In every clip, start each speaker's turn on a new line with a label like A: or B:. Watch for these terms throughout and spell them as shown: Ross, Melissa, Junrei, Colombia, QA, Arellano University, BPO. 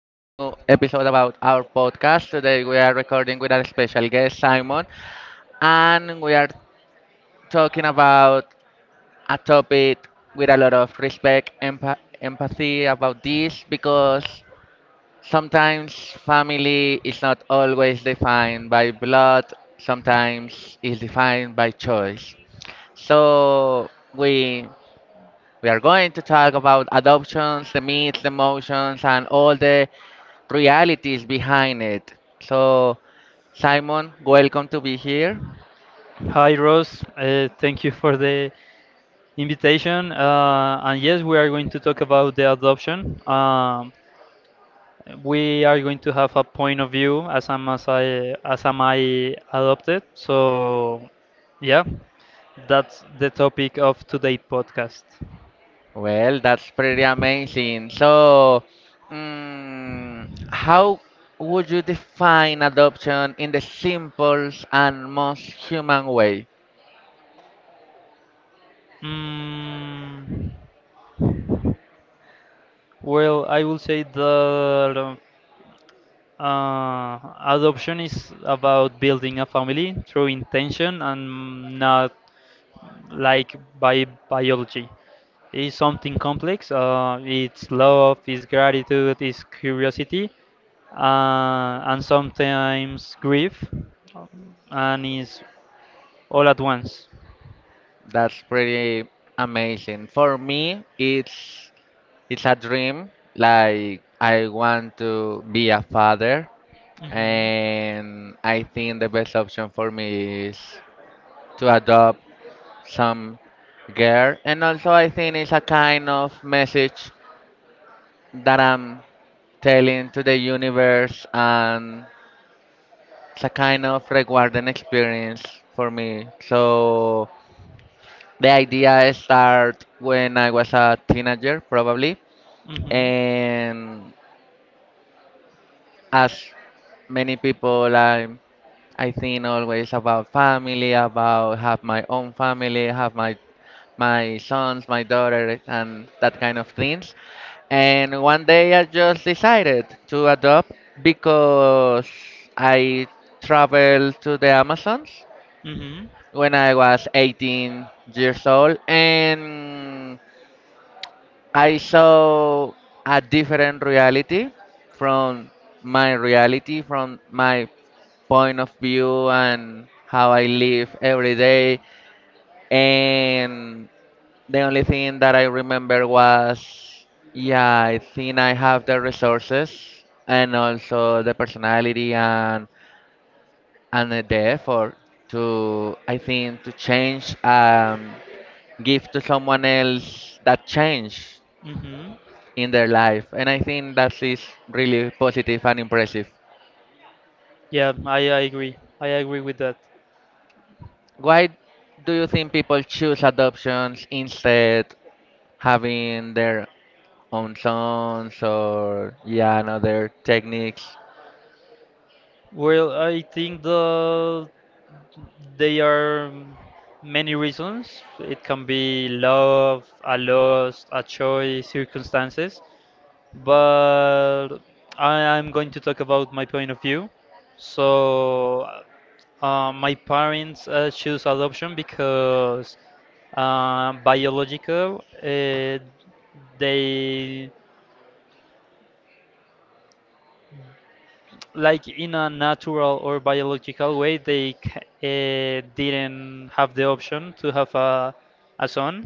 A: episode about our podcast. Today we are recording with our special guest Simon, and we are talking about a topic with a lot of respect, empathy about this, because sometimes family is not always defined by blood, sometimes is defined by choice. So we are going to talk about adoptions, the myths, the emotions, and all the realities behind it. So, Simon, welcome to be here.
B: Hi, Ross. Thank you for the invitation. And yes, we are going to talk about the adoption. We are going to have a point of view as I'm as I as am I adopted. So, yeah, that's the topic of today's podcast.
A: Well, that's pretty amazing. So, how would you define adoption in the simplest and most human way?
B: Mm, well, I will say that uh, adoption is about building a family through intention and not like bi biology. It's something complex. It's love, it's gratitude, it's curiosity, and sometimes grief, um, and it's all at once.
A: That's pretty amazing. For me, it's a dream. Like, I want to be a father,
B: Hmm.
A: and I think the best option for me is to adopt some girl. And also, I think it's a kind of message that I'm telling to the universe, and it's a kind of rewarding experience for me. So, the idea started when I was a teenager, probably,
B: Hmm.
A: and as many people, I think always about family, about have my own family, have my sons, my daughter, and that kind of things. And one day I just decided to adopt because I traveled to the Amazons
B: Hmm.
A: when I was 18 years old, and I saw a different from reality, from my point of view and how I live every day. And the only thing that I remember was, yeah, I think I have the resources and also the personality, and the effort to, I think, to change, give to someone else that change
B: Hmm.
A: in their life. And I think that is really positive and impressive.
B: Yeah, I agree. I agree with that.
A: Why do you think people choose adoptions instead having their own sons, or, yeah, and other techniques?
B: Well, I think they are many reasons. It can be love, a loss, a choice, circumstances. But I am going to talk about my point of view. So, my parents choose adoption because biological. They, like, in a natural or biological way, they didn't have the option to have a son,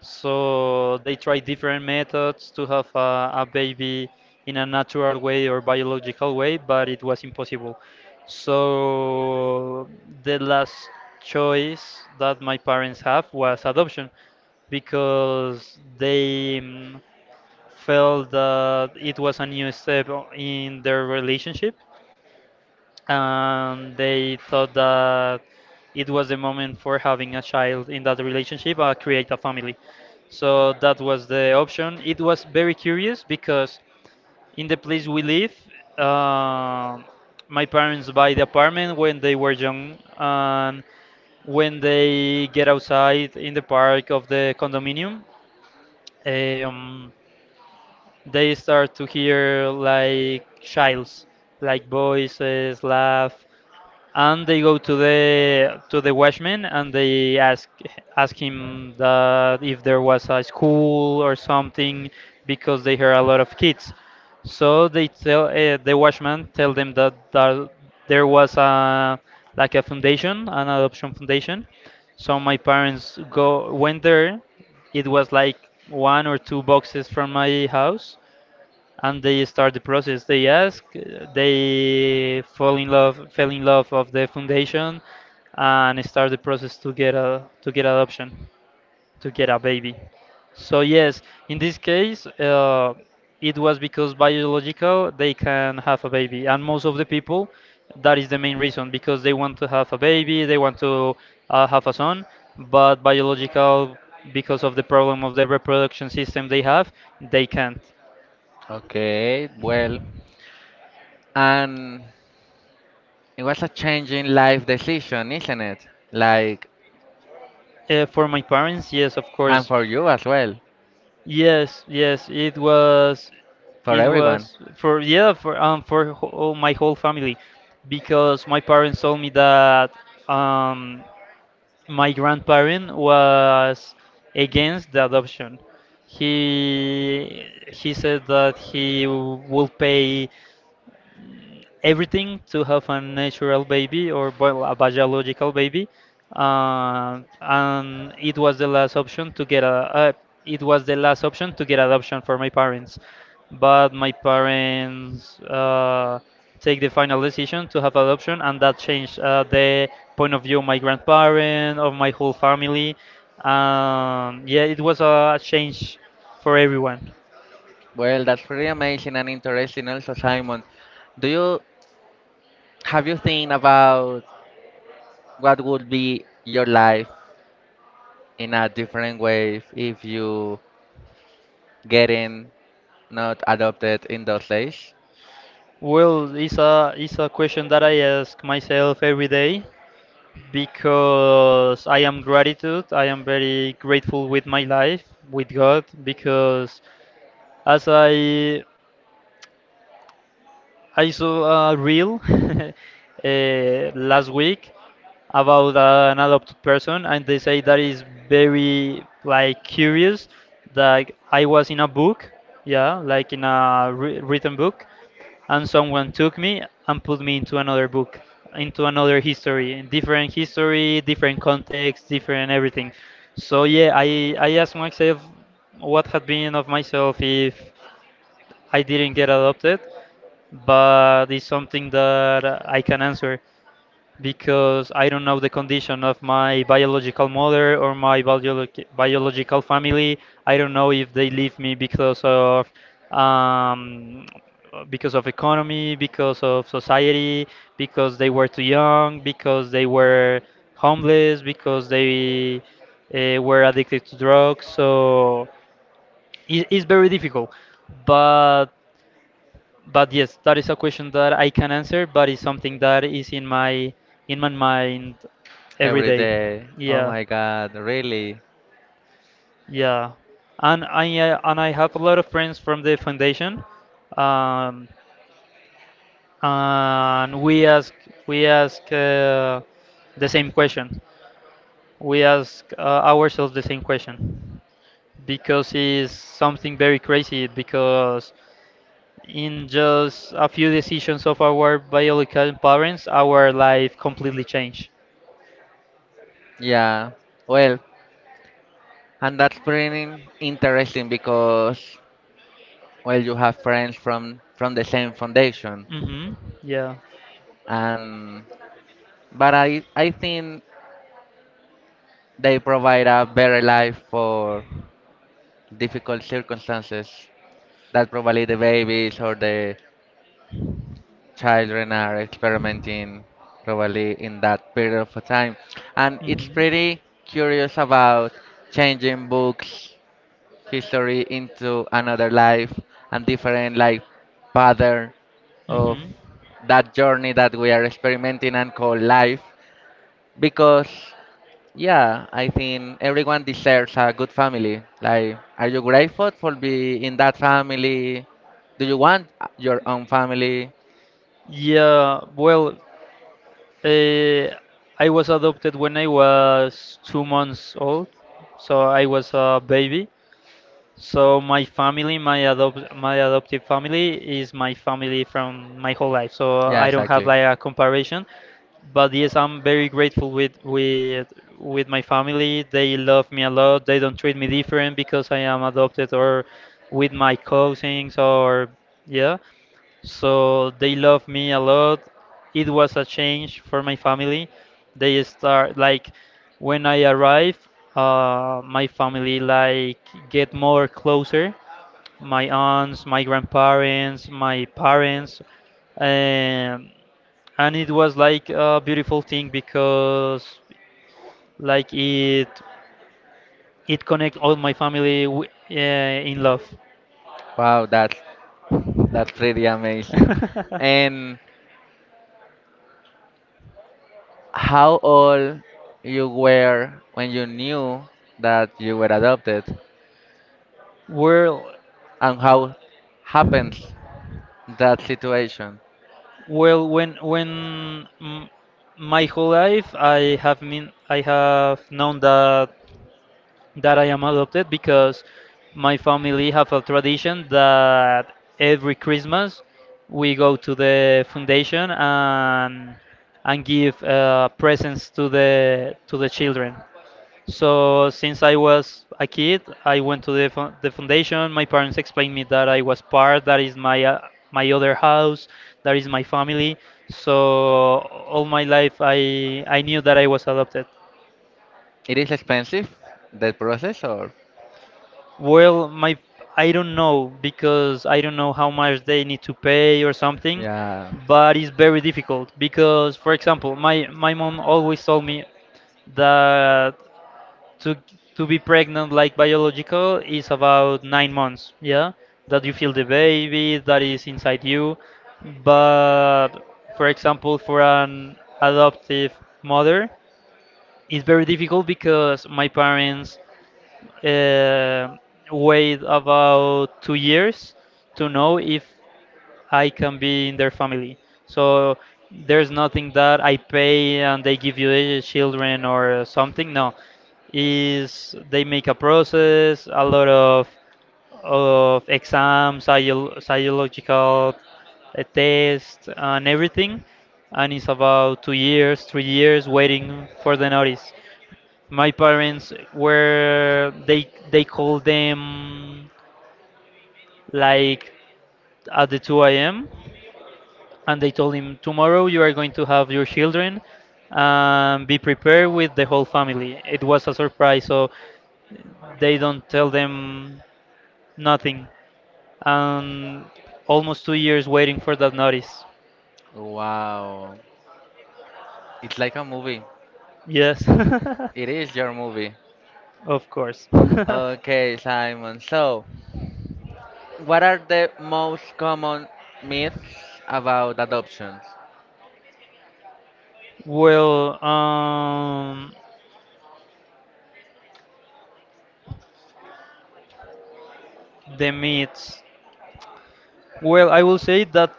B: so they tried different methods to have a baby in a natural way or biological way, but it was impossible. So the last choice that my parents have was adoption, because they felt that it was a new step in their relationship, and they thought that it was the moment for having a child in that relationship, create a family. So that was the option. It was very curious, because in the place we live, uh, my parents buy the apartment when they were young, and when they get outside in the park of the condominium, um, they start to hear like childs, like voices laugh, and they go to the watchman, and they ask him that if there was a school or something, because they hear a lot of kids. So they tell, the watchman tell them that there was a, like a foundation, an adoption foundation. So my parents go went there. It was like one or two boxes from my house, and they start the process. They ask, they fell in love of the foundation, and start the process to get adoption, to get a baby. So yes, in this case, it was because biological they can have a baby, and most of the people, that is the main reason, because they want to have a baby, they want to have a son, but biological, because of the problem of the reproduction system they have, they can't.
A: Okay, well, and it was a changing life decision, isn't it? Like,
B: For my parents, yes, of
A: and
B: course.
A: for you as well,
B: Yes, yes,
A: for
B: it
A: everyone.
B: was for, yeah, for all my whole family, because my parents told me that um my grandparent was against the adoption. He said that he will pay everything to have a natural baby or a biological baby, and it was the last option to get a, it was the last option to get adoption for my parents. But my parents take the final decision to have adoption, and that changed, the point of view of my grandparent, of my whole family. Yeah, it was a change for everyone.
A: Well, that's pretty amazing and interesting also, Simon. Do you Have you think about what would be your life in a different way if you getting not adopted in those days?
B: Well, it's a, it's a question that I ask myself every day, because I am gratitude. I am very grateful with my life, with God, because as I saw a reel last week about an adopted person, and they say that is very, like, curious. That I was in a book, yeah, like in a written book, and someone took me and put me into another book, into another history, in different history, different context, different everything. So yeah, I asked myself what had been of myself if I didn't get adopted, but it's something that I can answer because I don't know the condition of my biological mother or my biological family. I don't know if they leave me because of, um, because of economy, because of society, because they were too young, because they were homeless, because they were addicted to drugs. So it's very difficult. But but yes, that is a question that I can answer, but it's something that is in my mind every
A: Every
B: day.
A: day? Oh
B: Yeah,
A: my God, really?
B: yeah. And I have a lot of friends from the foundation, um, and we ask the same question. We ask, ourselves the same question, because it's something very crazy, because in just a few decisions of our biological parents, our life completely changed.
A: Yeah. Well, and that's pretty interesting because, well, you have friends from the same foundation.
B: Hmm. Yeah.
A: And but I think they provide a better life for difficult circumstances that probably the babies or the children are experimenting probably in that period of time. And it's
B: Hmm.
A: pretty curious about changing books, history into another life and different like pattern of
B: Hmm.
A: that journey that we are experimenting and call life, because, yeah, I think everyone deserves a good family. Like, are you grateful for being in that family? Do you want your own family?
B: Yeah. Well, uh, I was adopted when I was 2 months old, so I was a baby. So my family, my adopt my adoptive family is my family from my whole life. So
A: Yeah,
B: I don't have
A: exactly.
B: like a comparison, but yes, I'm very grateful with my family. They love me a lot. They don't treat me different because I am adopted, or with my cousins, or yeah. So they love me a lot. It was a change for my family. They start, like, when I arrived, my family, like, get more closer, my aunts, my grandparents, my parents. um, and it was like a beautiful thing, because like it connect all my family, in love.
A: Wow, that's really amazing. And how old you were when you knew that you were adopted,
B: Well.
A: and how happens that situation?
B: Well, when my whole life I have known that I am adopted, because my family have a tradition that every Christmas we go to the foundation, and give presents to the children. So since I was a kid, I went to the the foundation. My parents explained me that I was part, that is my, my other house, that is my family. So all my life, I knew that I was adopted.
A: It is expensive, that process, or?
B: Well, my I don't know, because I don't know how much they need to pay or something,
A: Yeah.
B: but it's very difficult because, for example, my mom always told me that to to be pregnant, like biological, is about 9 months, yeah, that you feel the baby that is inside you. But for example, for an adoptive mother, it's very difficult, because my parents uh, wait about 2 years to know if I can be in their family. So there's nothing that I pay and they give you the children or something. No, is they make a process, a lot of exams, psychological tests, and everything, and it's about 2 years, 3 years waiting for the notice. My parents were, they called them like at the 2 a.m., and they told him tomorrow you are going to have your children, and be prepared with the whole family. It was a surprise, so they don't tell them nothing, and almost 2 years waiting for that notice.
A: Wow, it's like a movie.
B: Yes.
A: It is your movie.
B: Of course.
A: Okay, Simon. So, what are the most common myths about adoptions?
B: Well, the myths. Well, I will say that,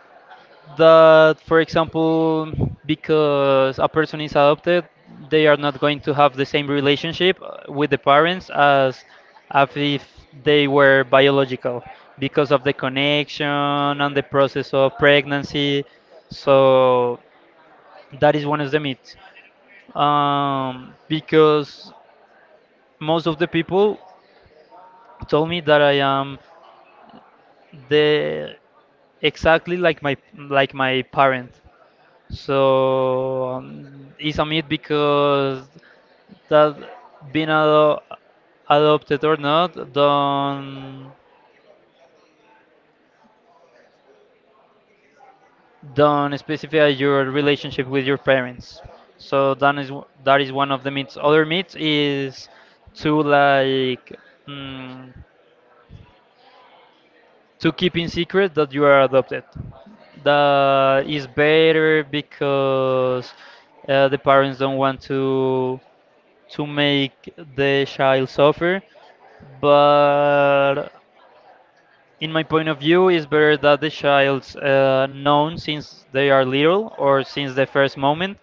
B: for example, because a person is adopted, they are not going to have the same relationship, with the parents, as if they were biological, because of the connection and the process of pregnancy. So that is one of the myths. Because most of the people told me that I am the exactly like my, parent. So, it's a myth, because that being ado adopted or not don't specify your relationship with your parents. So that is, that is one of the myths. Other myth is to, like, mm, to keep in secret that you are adopted. That is better, because, the parents don't want to make the child suffer, but in my point of view it's better that the child's, known since they are little, or since the first moment,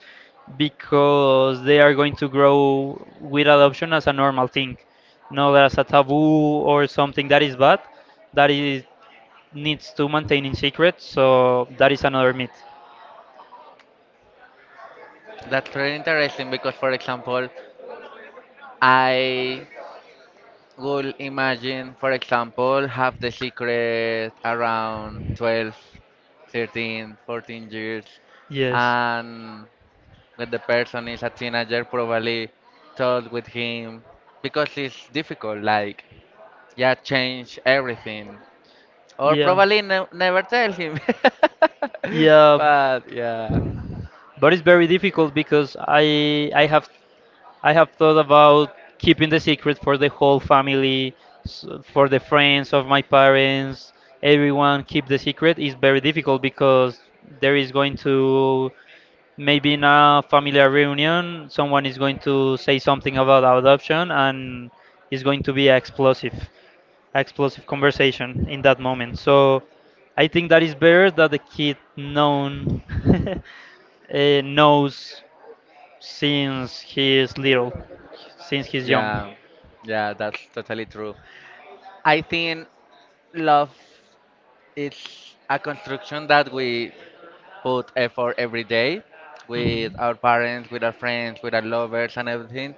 B: because they are going to grow with adoption as a normal thing, not as a taboo, or something that is bad, that is needs to maintain in secret. So that is another myth.
A: That's really interesting because, for example, I would imagine, for example, have the secret around 12, 13, 14 years,
B: Yes.
A: and when the person is a teenager, probably talk with him because it's difficult. Like, yeah, change everything. Or
B: Yeah,
A: probably never tell him.
B: yeah.
A: But yeah,
B: But it's very difficult, because I have thought about keeping the secret for the whole family, for the friends of my parents, everyone keep the secret, is very difficult, because there is going to, maybe in a family reunion someone is going to say something about adoption, and it's going to be explosive conversation in that moment. So I think that is better that the kid known knows, since he is little, since he's young.
A: yeah, yeah, that's totally true. I think love is a construction that we put effort every day with
B: Mhm.
A: our parents, with our friends, with our lovers, and everything.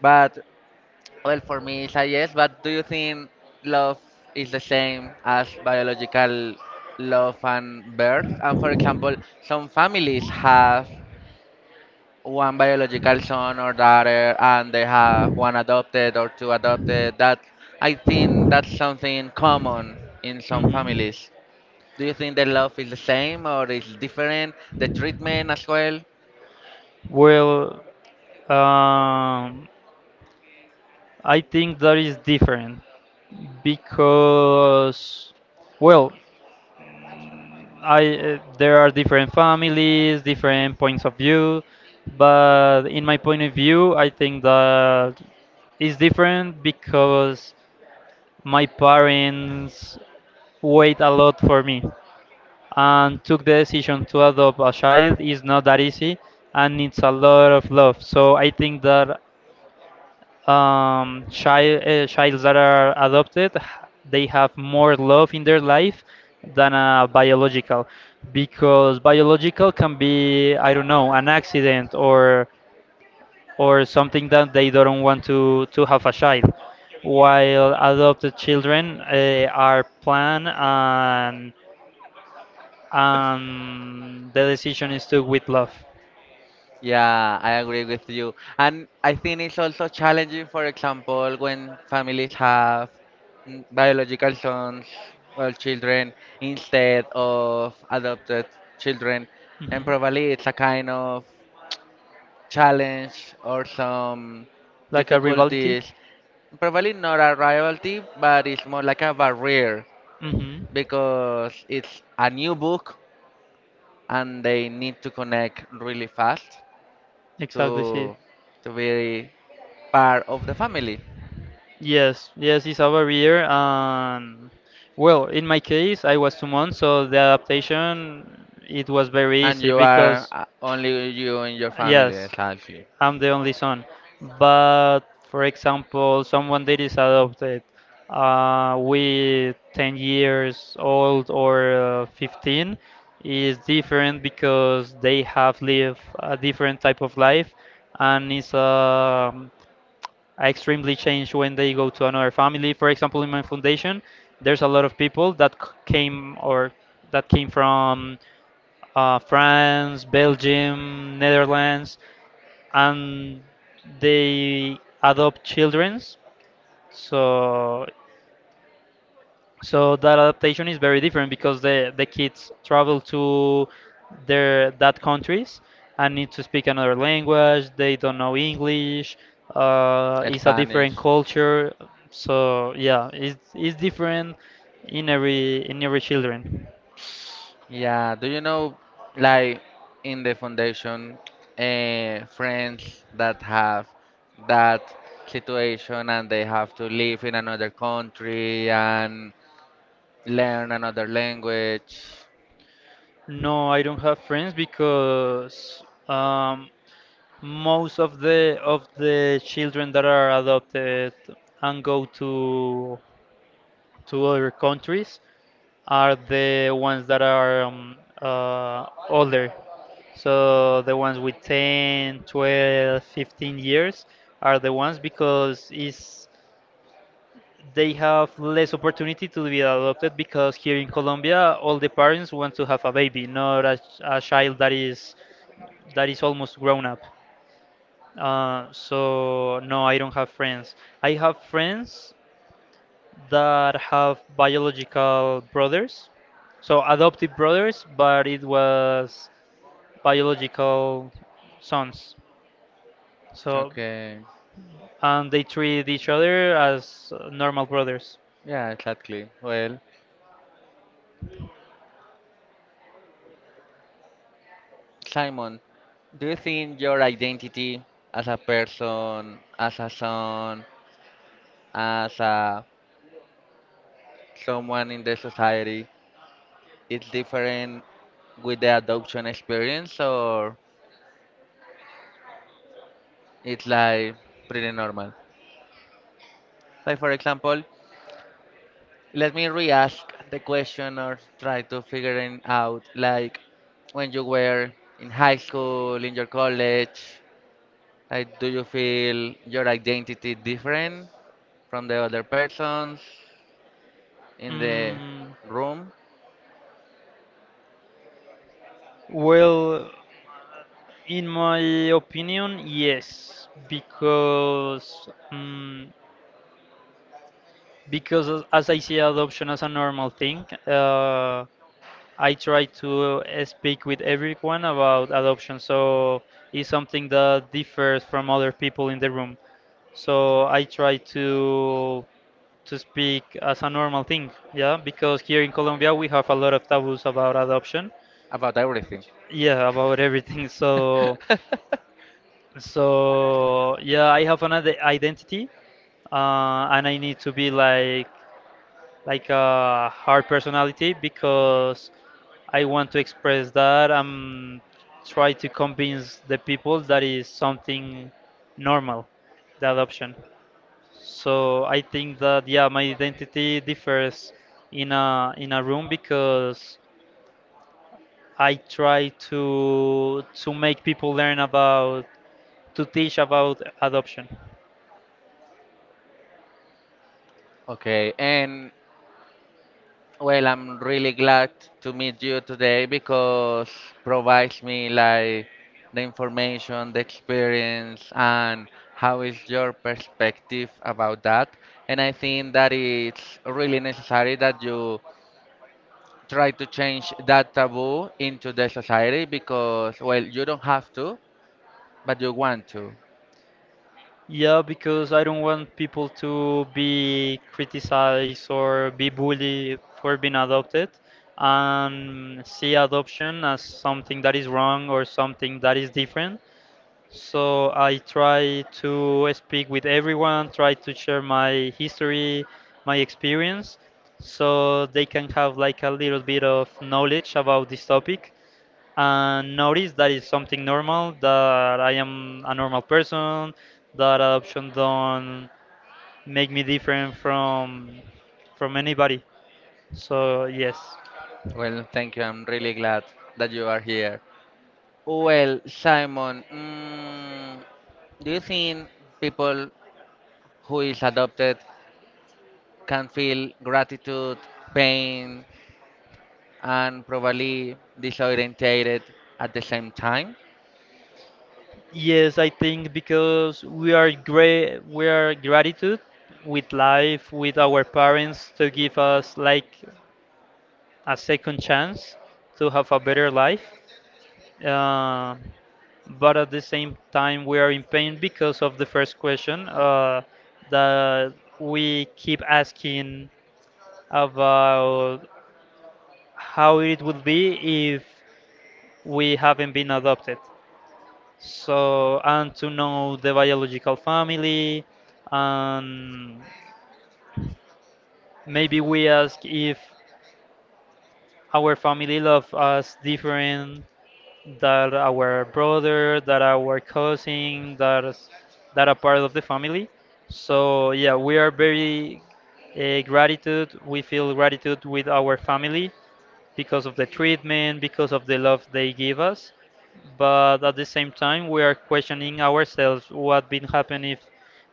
A: But, well, for me, it's a yes, but do you think love is the same as biological love and birth? And for example, some families have one biological son or daughter, and they have one adopted or two adopted. That, I think that's something common in some
B: Mhm.
A: families. Do you think the love is the same or is different? The treatment as well?
B: Well, um, I think that is different, because, well, I there are different families, different points of view, but in my point of view, I think that is different, because my parents wait a lot for me, and took the decision to adopt a child is not that easy, and it's a lot of love. So I think that childs that are adopted, they have more love in their life than a biological, because biological can be, I don't know, an accident, or something that they don't want to have a child, while adopted children are planned, and the decision is took with love.
A: Yeah, I agree with you. And I think it's also challenging, for example, when families have biological sons or children instead of adopted children. And probably it's a kind of challenge or some
B: Like a rivality. Conflict.
A: difficulties. Probably not a rivalry, but it's more like a barrier
B: Rivalry. Hmm.
A: because it's a new book and they need to connect really fast
B: Exactly. See.
A: to to be part of the family.
B: Yes, yes, it's over here. And well, in my case, I was 2 months, so the adaptation it was very
A: And
B: easy
A: you are
B: because
A: only you and your family,
B: yes,
A: exactly.
B: I'm the only son. But for example, someone that is adopted with 10 years old or 15 is different because they have lived a different type of life, and it's a, I extremely change when they go to another family. For example, in my foundation, there's a lot of people that came, or that came from France, Belgium, Netherlands, and they adopt childrens. So, so that adaptation is very different because the kids travel to their that countries and need to speak another language. They don't know English. It's a
A: Spanish.
B: different culture. So yeah, it's different in every children.
A: Yeah, do you know, like in the foundation, friends that have that situation and they have to live in another country and learn another language?
B: No, I don't have friends because um, most of the children that are adopted and go to other countries are the ones that are older. So the ones with 10, 12, 15 years are the ones because is they have less opportunity to be adopted, because here in Colombia all the parents want to have a baby, not a child that is almost grown up. So no, I don't have friends. I have friends that have biological brothers, so adoptive brothers, but it was biological sons. So,
A: Okay,
B: and they treat each other as normal brothers.
A: yeah, exactly. Well, Simon, do you think your identity as a person, as a son, as a someone in the society is different with the adoption experience, or? It's like pretty normal. Like, for example, let me re-ask the question or try to figure it out. Like when you were in high school, in your college, like, do you feel your identity different from the other persons in the
B: Mm,
A: room?
B: well, in my opinion, yes, because because as I see adoption as a normal thing, uh, I try to speak with everyone about adoption, so it's something that differs from other people in the room. So I try to speak as a normal thing, yeah, because here in Colombia we have a lot of taboos about adoption.
A: About everything?
B: Yeah, about everything. So, so yeah, I have an identity, and I need to be like a hard personality, because I want to express that I'm try to convince the people that is something normal, the adoption. So I think that yeah, my identity differs in a room because I try to make people learn about to teach about adoption.
A: Okay, and, well, I'm really glad to meet you today because provides me like the information, the experience, and how is your perspective about that. And I think that it's really necessary that you try to change that taboo into the society because, well, you don't have to, but you want to.
B: Yeah, because I don't want people to be criticized or be bullied for being adopted and see adoption as something that is wrong or something that is different. So I try to speak with everyone, try to share my history, my experience, so they can have like a little bit of knowledge about this topic and notice that it's something normal, that I am a normal person, that adoption don't make me different from anybody, so yes.
A: Well, thank you. I'm really glad that you are here. Well, Simon, do you think people who is adopted can feel gratitude, pain, and probably disorientated at the same time?
B: Yes, I think, because we are gratitude with life, with our parents, to give us like a second chance to have a better life. Uh, but at the same time, we are in pain because of the first question that we keep asking about how it would be if we haven't been adopted. So, and to know the biological family, and maybe we ask if our family love us different that our brother, that our cousin, that that are part of the family. So yeah, we are very gratitude. We feel gratitude with our family because of the treatment, because of the love they give us. But at the same time, we are questioning ourselves what been happen if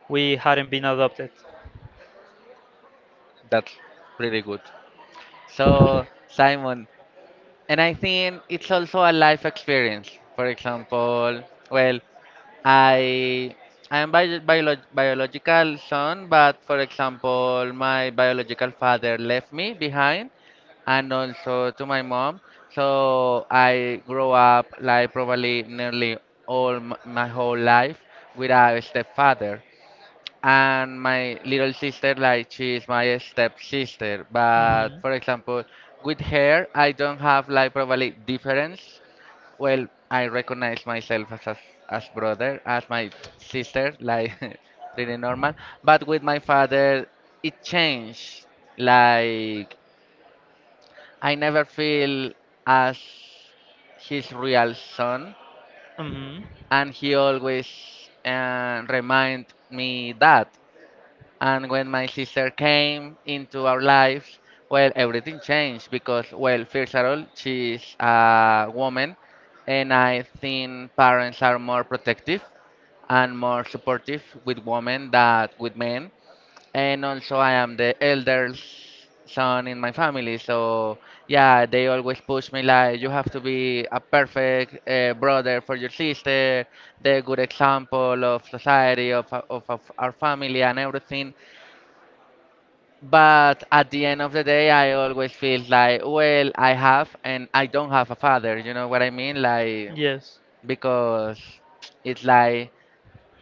B: we hadn't been adopted.
A: That's pretty good. So, Simon, and I think it's also a life experience. For example, well, I I am biological son, but for example, my biological father left me behind, and also to my mom. So I grew up, like, probably nearly all my whole life with a stepfather. And my little sister, like she's my stepsister, but for example, with her, I don't have like probably difference. Well, I recognize myself as brother, as my sister, like, pretty normal. But with my father, it changed. Like I never feel as his real son,
B: Hmm.
A: and he always remind me that. And when my sister came into our lives, well, everything changed because, well, first of all, she's a woman, and I think parents are more protective and more supportive with women than with men. And also, I am the eldest son in my family, so, yeah, they always push me like, you have to be a perfect brother for your sister, the good example of society, of our family, and everything. But at the end of the day, I always feel like, well, I have and I don't have a father. You know what I mean? Like,
B: Yes.
A: because it's like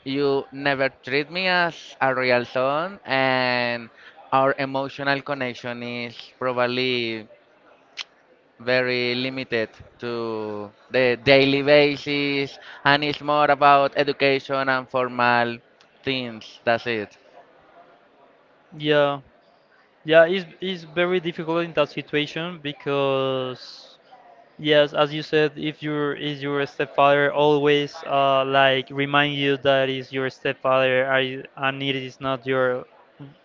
A: you never treat me as a real son, and our emotional connection is probably very limited to the daily basis, and it's more about education and formal things. That's it.
B: Yeah. Yeah, it's very difficult in that situation because, yes, as you said, if your is your stepfather always like remind you that is your stepfather, and it is not your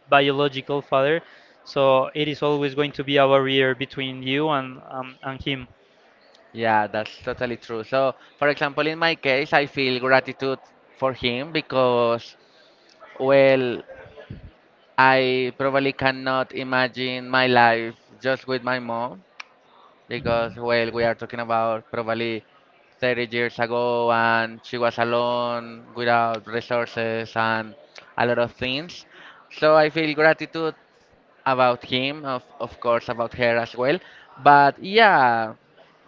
B: biological father, so it is always going to be a barrier between you and him.
A: Yeah, that's totally true. So, for example, in my case, I feel gratitude for him because, well, I probably cannot imagine my life just with my mom
B: Hmm.
A: because, well, we are talking about probably 30 years ago, and she was alone without resources and a lot of things. So, I feel gratitude about him, of course, about her as well. But yeah,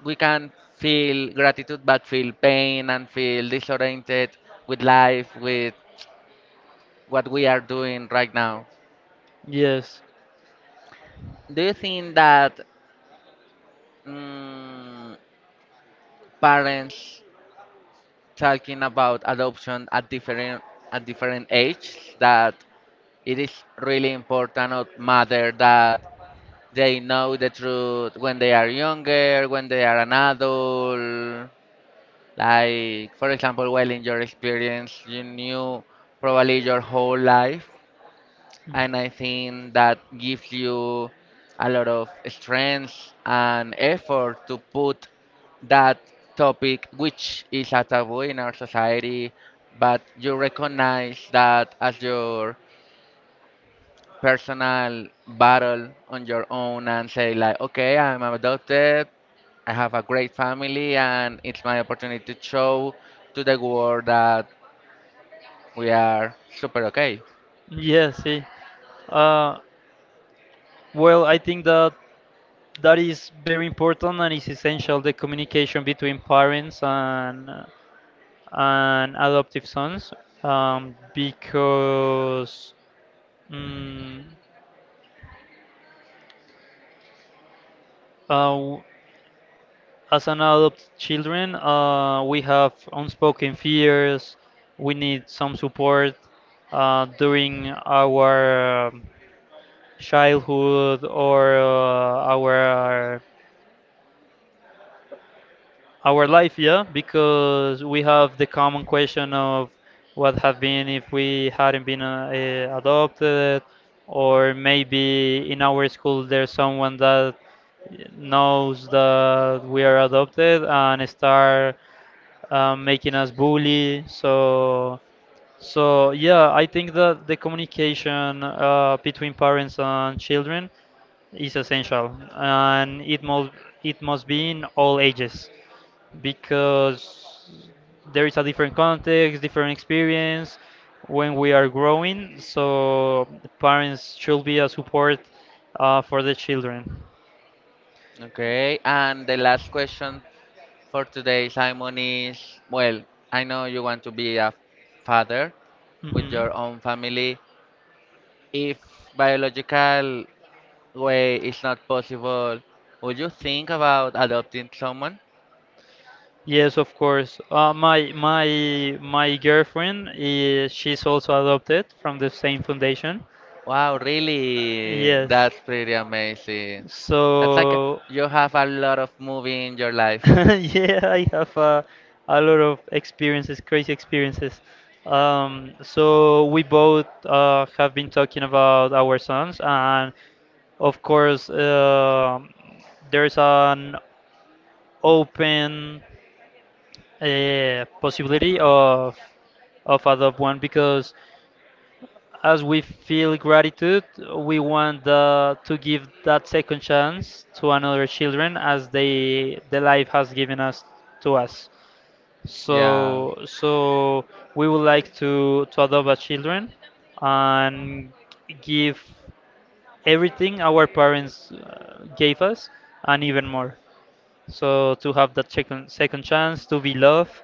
A: we can feel gratitude, but feel pain and feel disoriented with life, with what we are doing right now.
B: Yes.
A: Do you think that mm, parents talking about adoption at different ages that it is really important or matter that they know the truth when they are younger, when they are an adult? Like, for example, well, in your experience, you knew probably your whole life,
B: Hmm.
A: and I think that gives you a lot of strength and effort to put that topic, which is a taboo in our society, but you recognize that as your personal battle on your own and say like, okay, I'm adopted, I have a great family, and it's my opportunity to show to the world that we are super okay.
B: Yeah, see. Uh, well, I think that that is very important, and is essential the communication between parents and adoptive sons, because mm, uh, As an adult children, we have unspoken fears. We need some support during our childhood or our life, yeah, because we have the common question of what have been if we hadn't been adopted, or maybe in our school there's someone that knows that we are adopted and start making us bully. So, so yeah, I think that the communication between parents and children is essential, and it must be in all ages because there is a different context, different experience when we are growing. So, parents should be a support for the children.
A: Okay, and the last question for today, Simon, is, well, I know you want to be a father with
B: Hmm.
A: your own family. If biological way is not possible, would you think about adopting someone?
B: Yes, of course. My girlfriend is she's also adopted from the same foundation.
A: Wow, really?
B: Yes.
A: That's pretty amazing. That's like
B: So
A: you have a lot of movie in your life.
B: yeah, I have a lot of experiences, crazy experiences. So we both have been talking about our sons, and of course, there's an open possibility of adopt one because, as we feel gratitude, we want to give that second chance to another children as they the life has given us to us.
A: Yeah.
B: So we would like to adopt a children and give everything our parents gave us and even more. So to have that second chance to be loved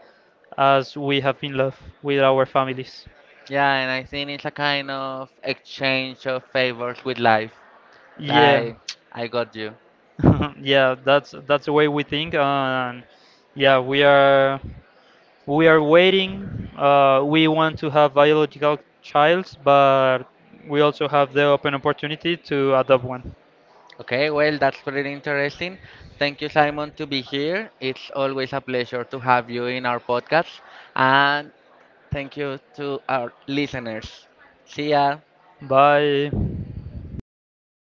B: as we have been loved with our families.
A: Yeah, and I think it's a kind of exchange of favors with life.
B: Yeah,
A: Like, I got you.
B: yeah, that's the way we think, and yeah, we are waiting. We want to have biological child, but we also have the open opportunity to adopt one.
A: Okay, well, that's pretty interesting. Thank you, Simon, to be here. It's always a pleasure to have you in our podcast. And thank you to our listeners. See ya.
B: Bye.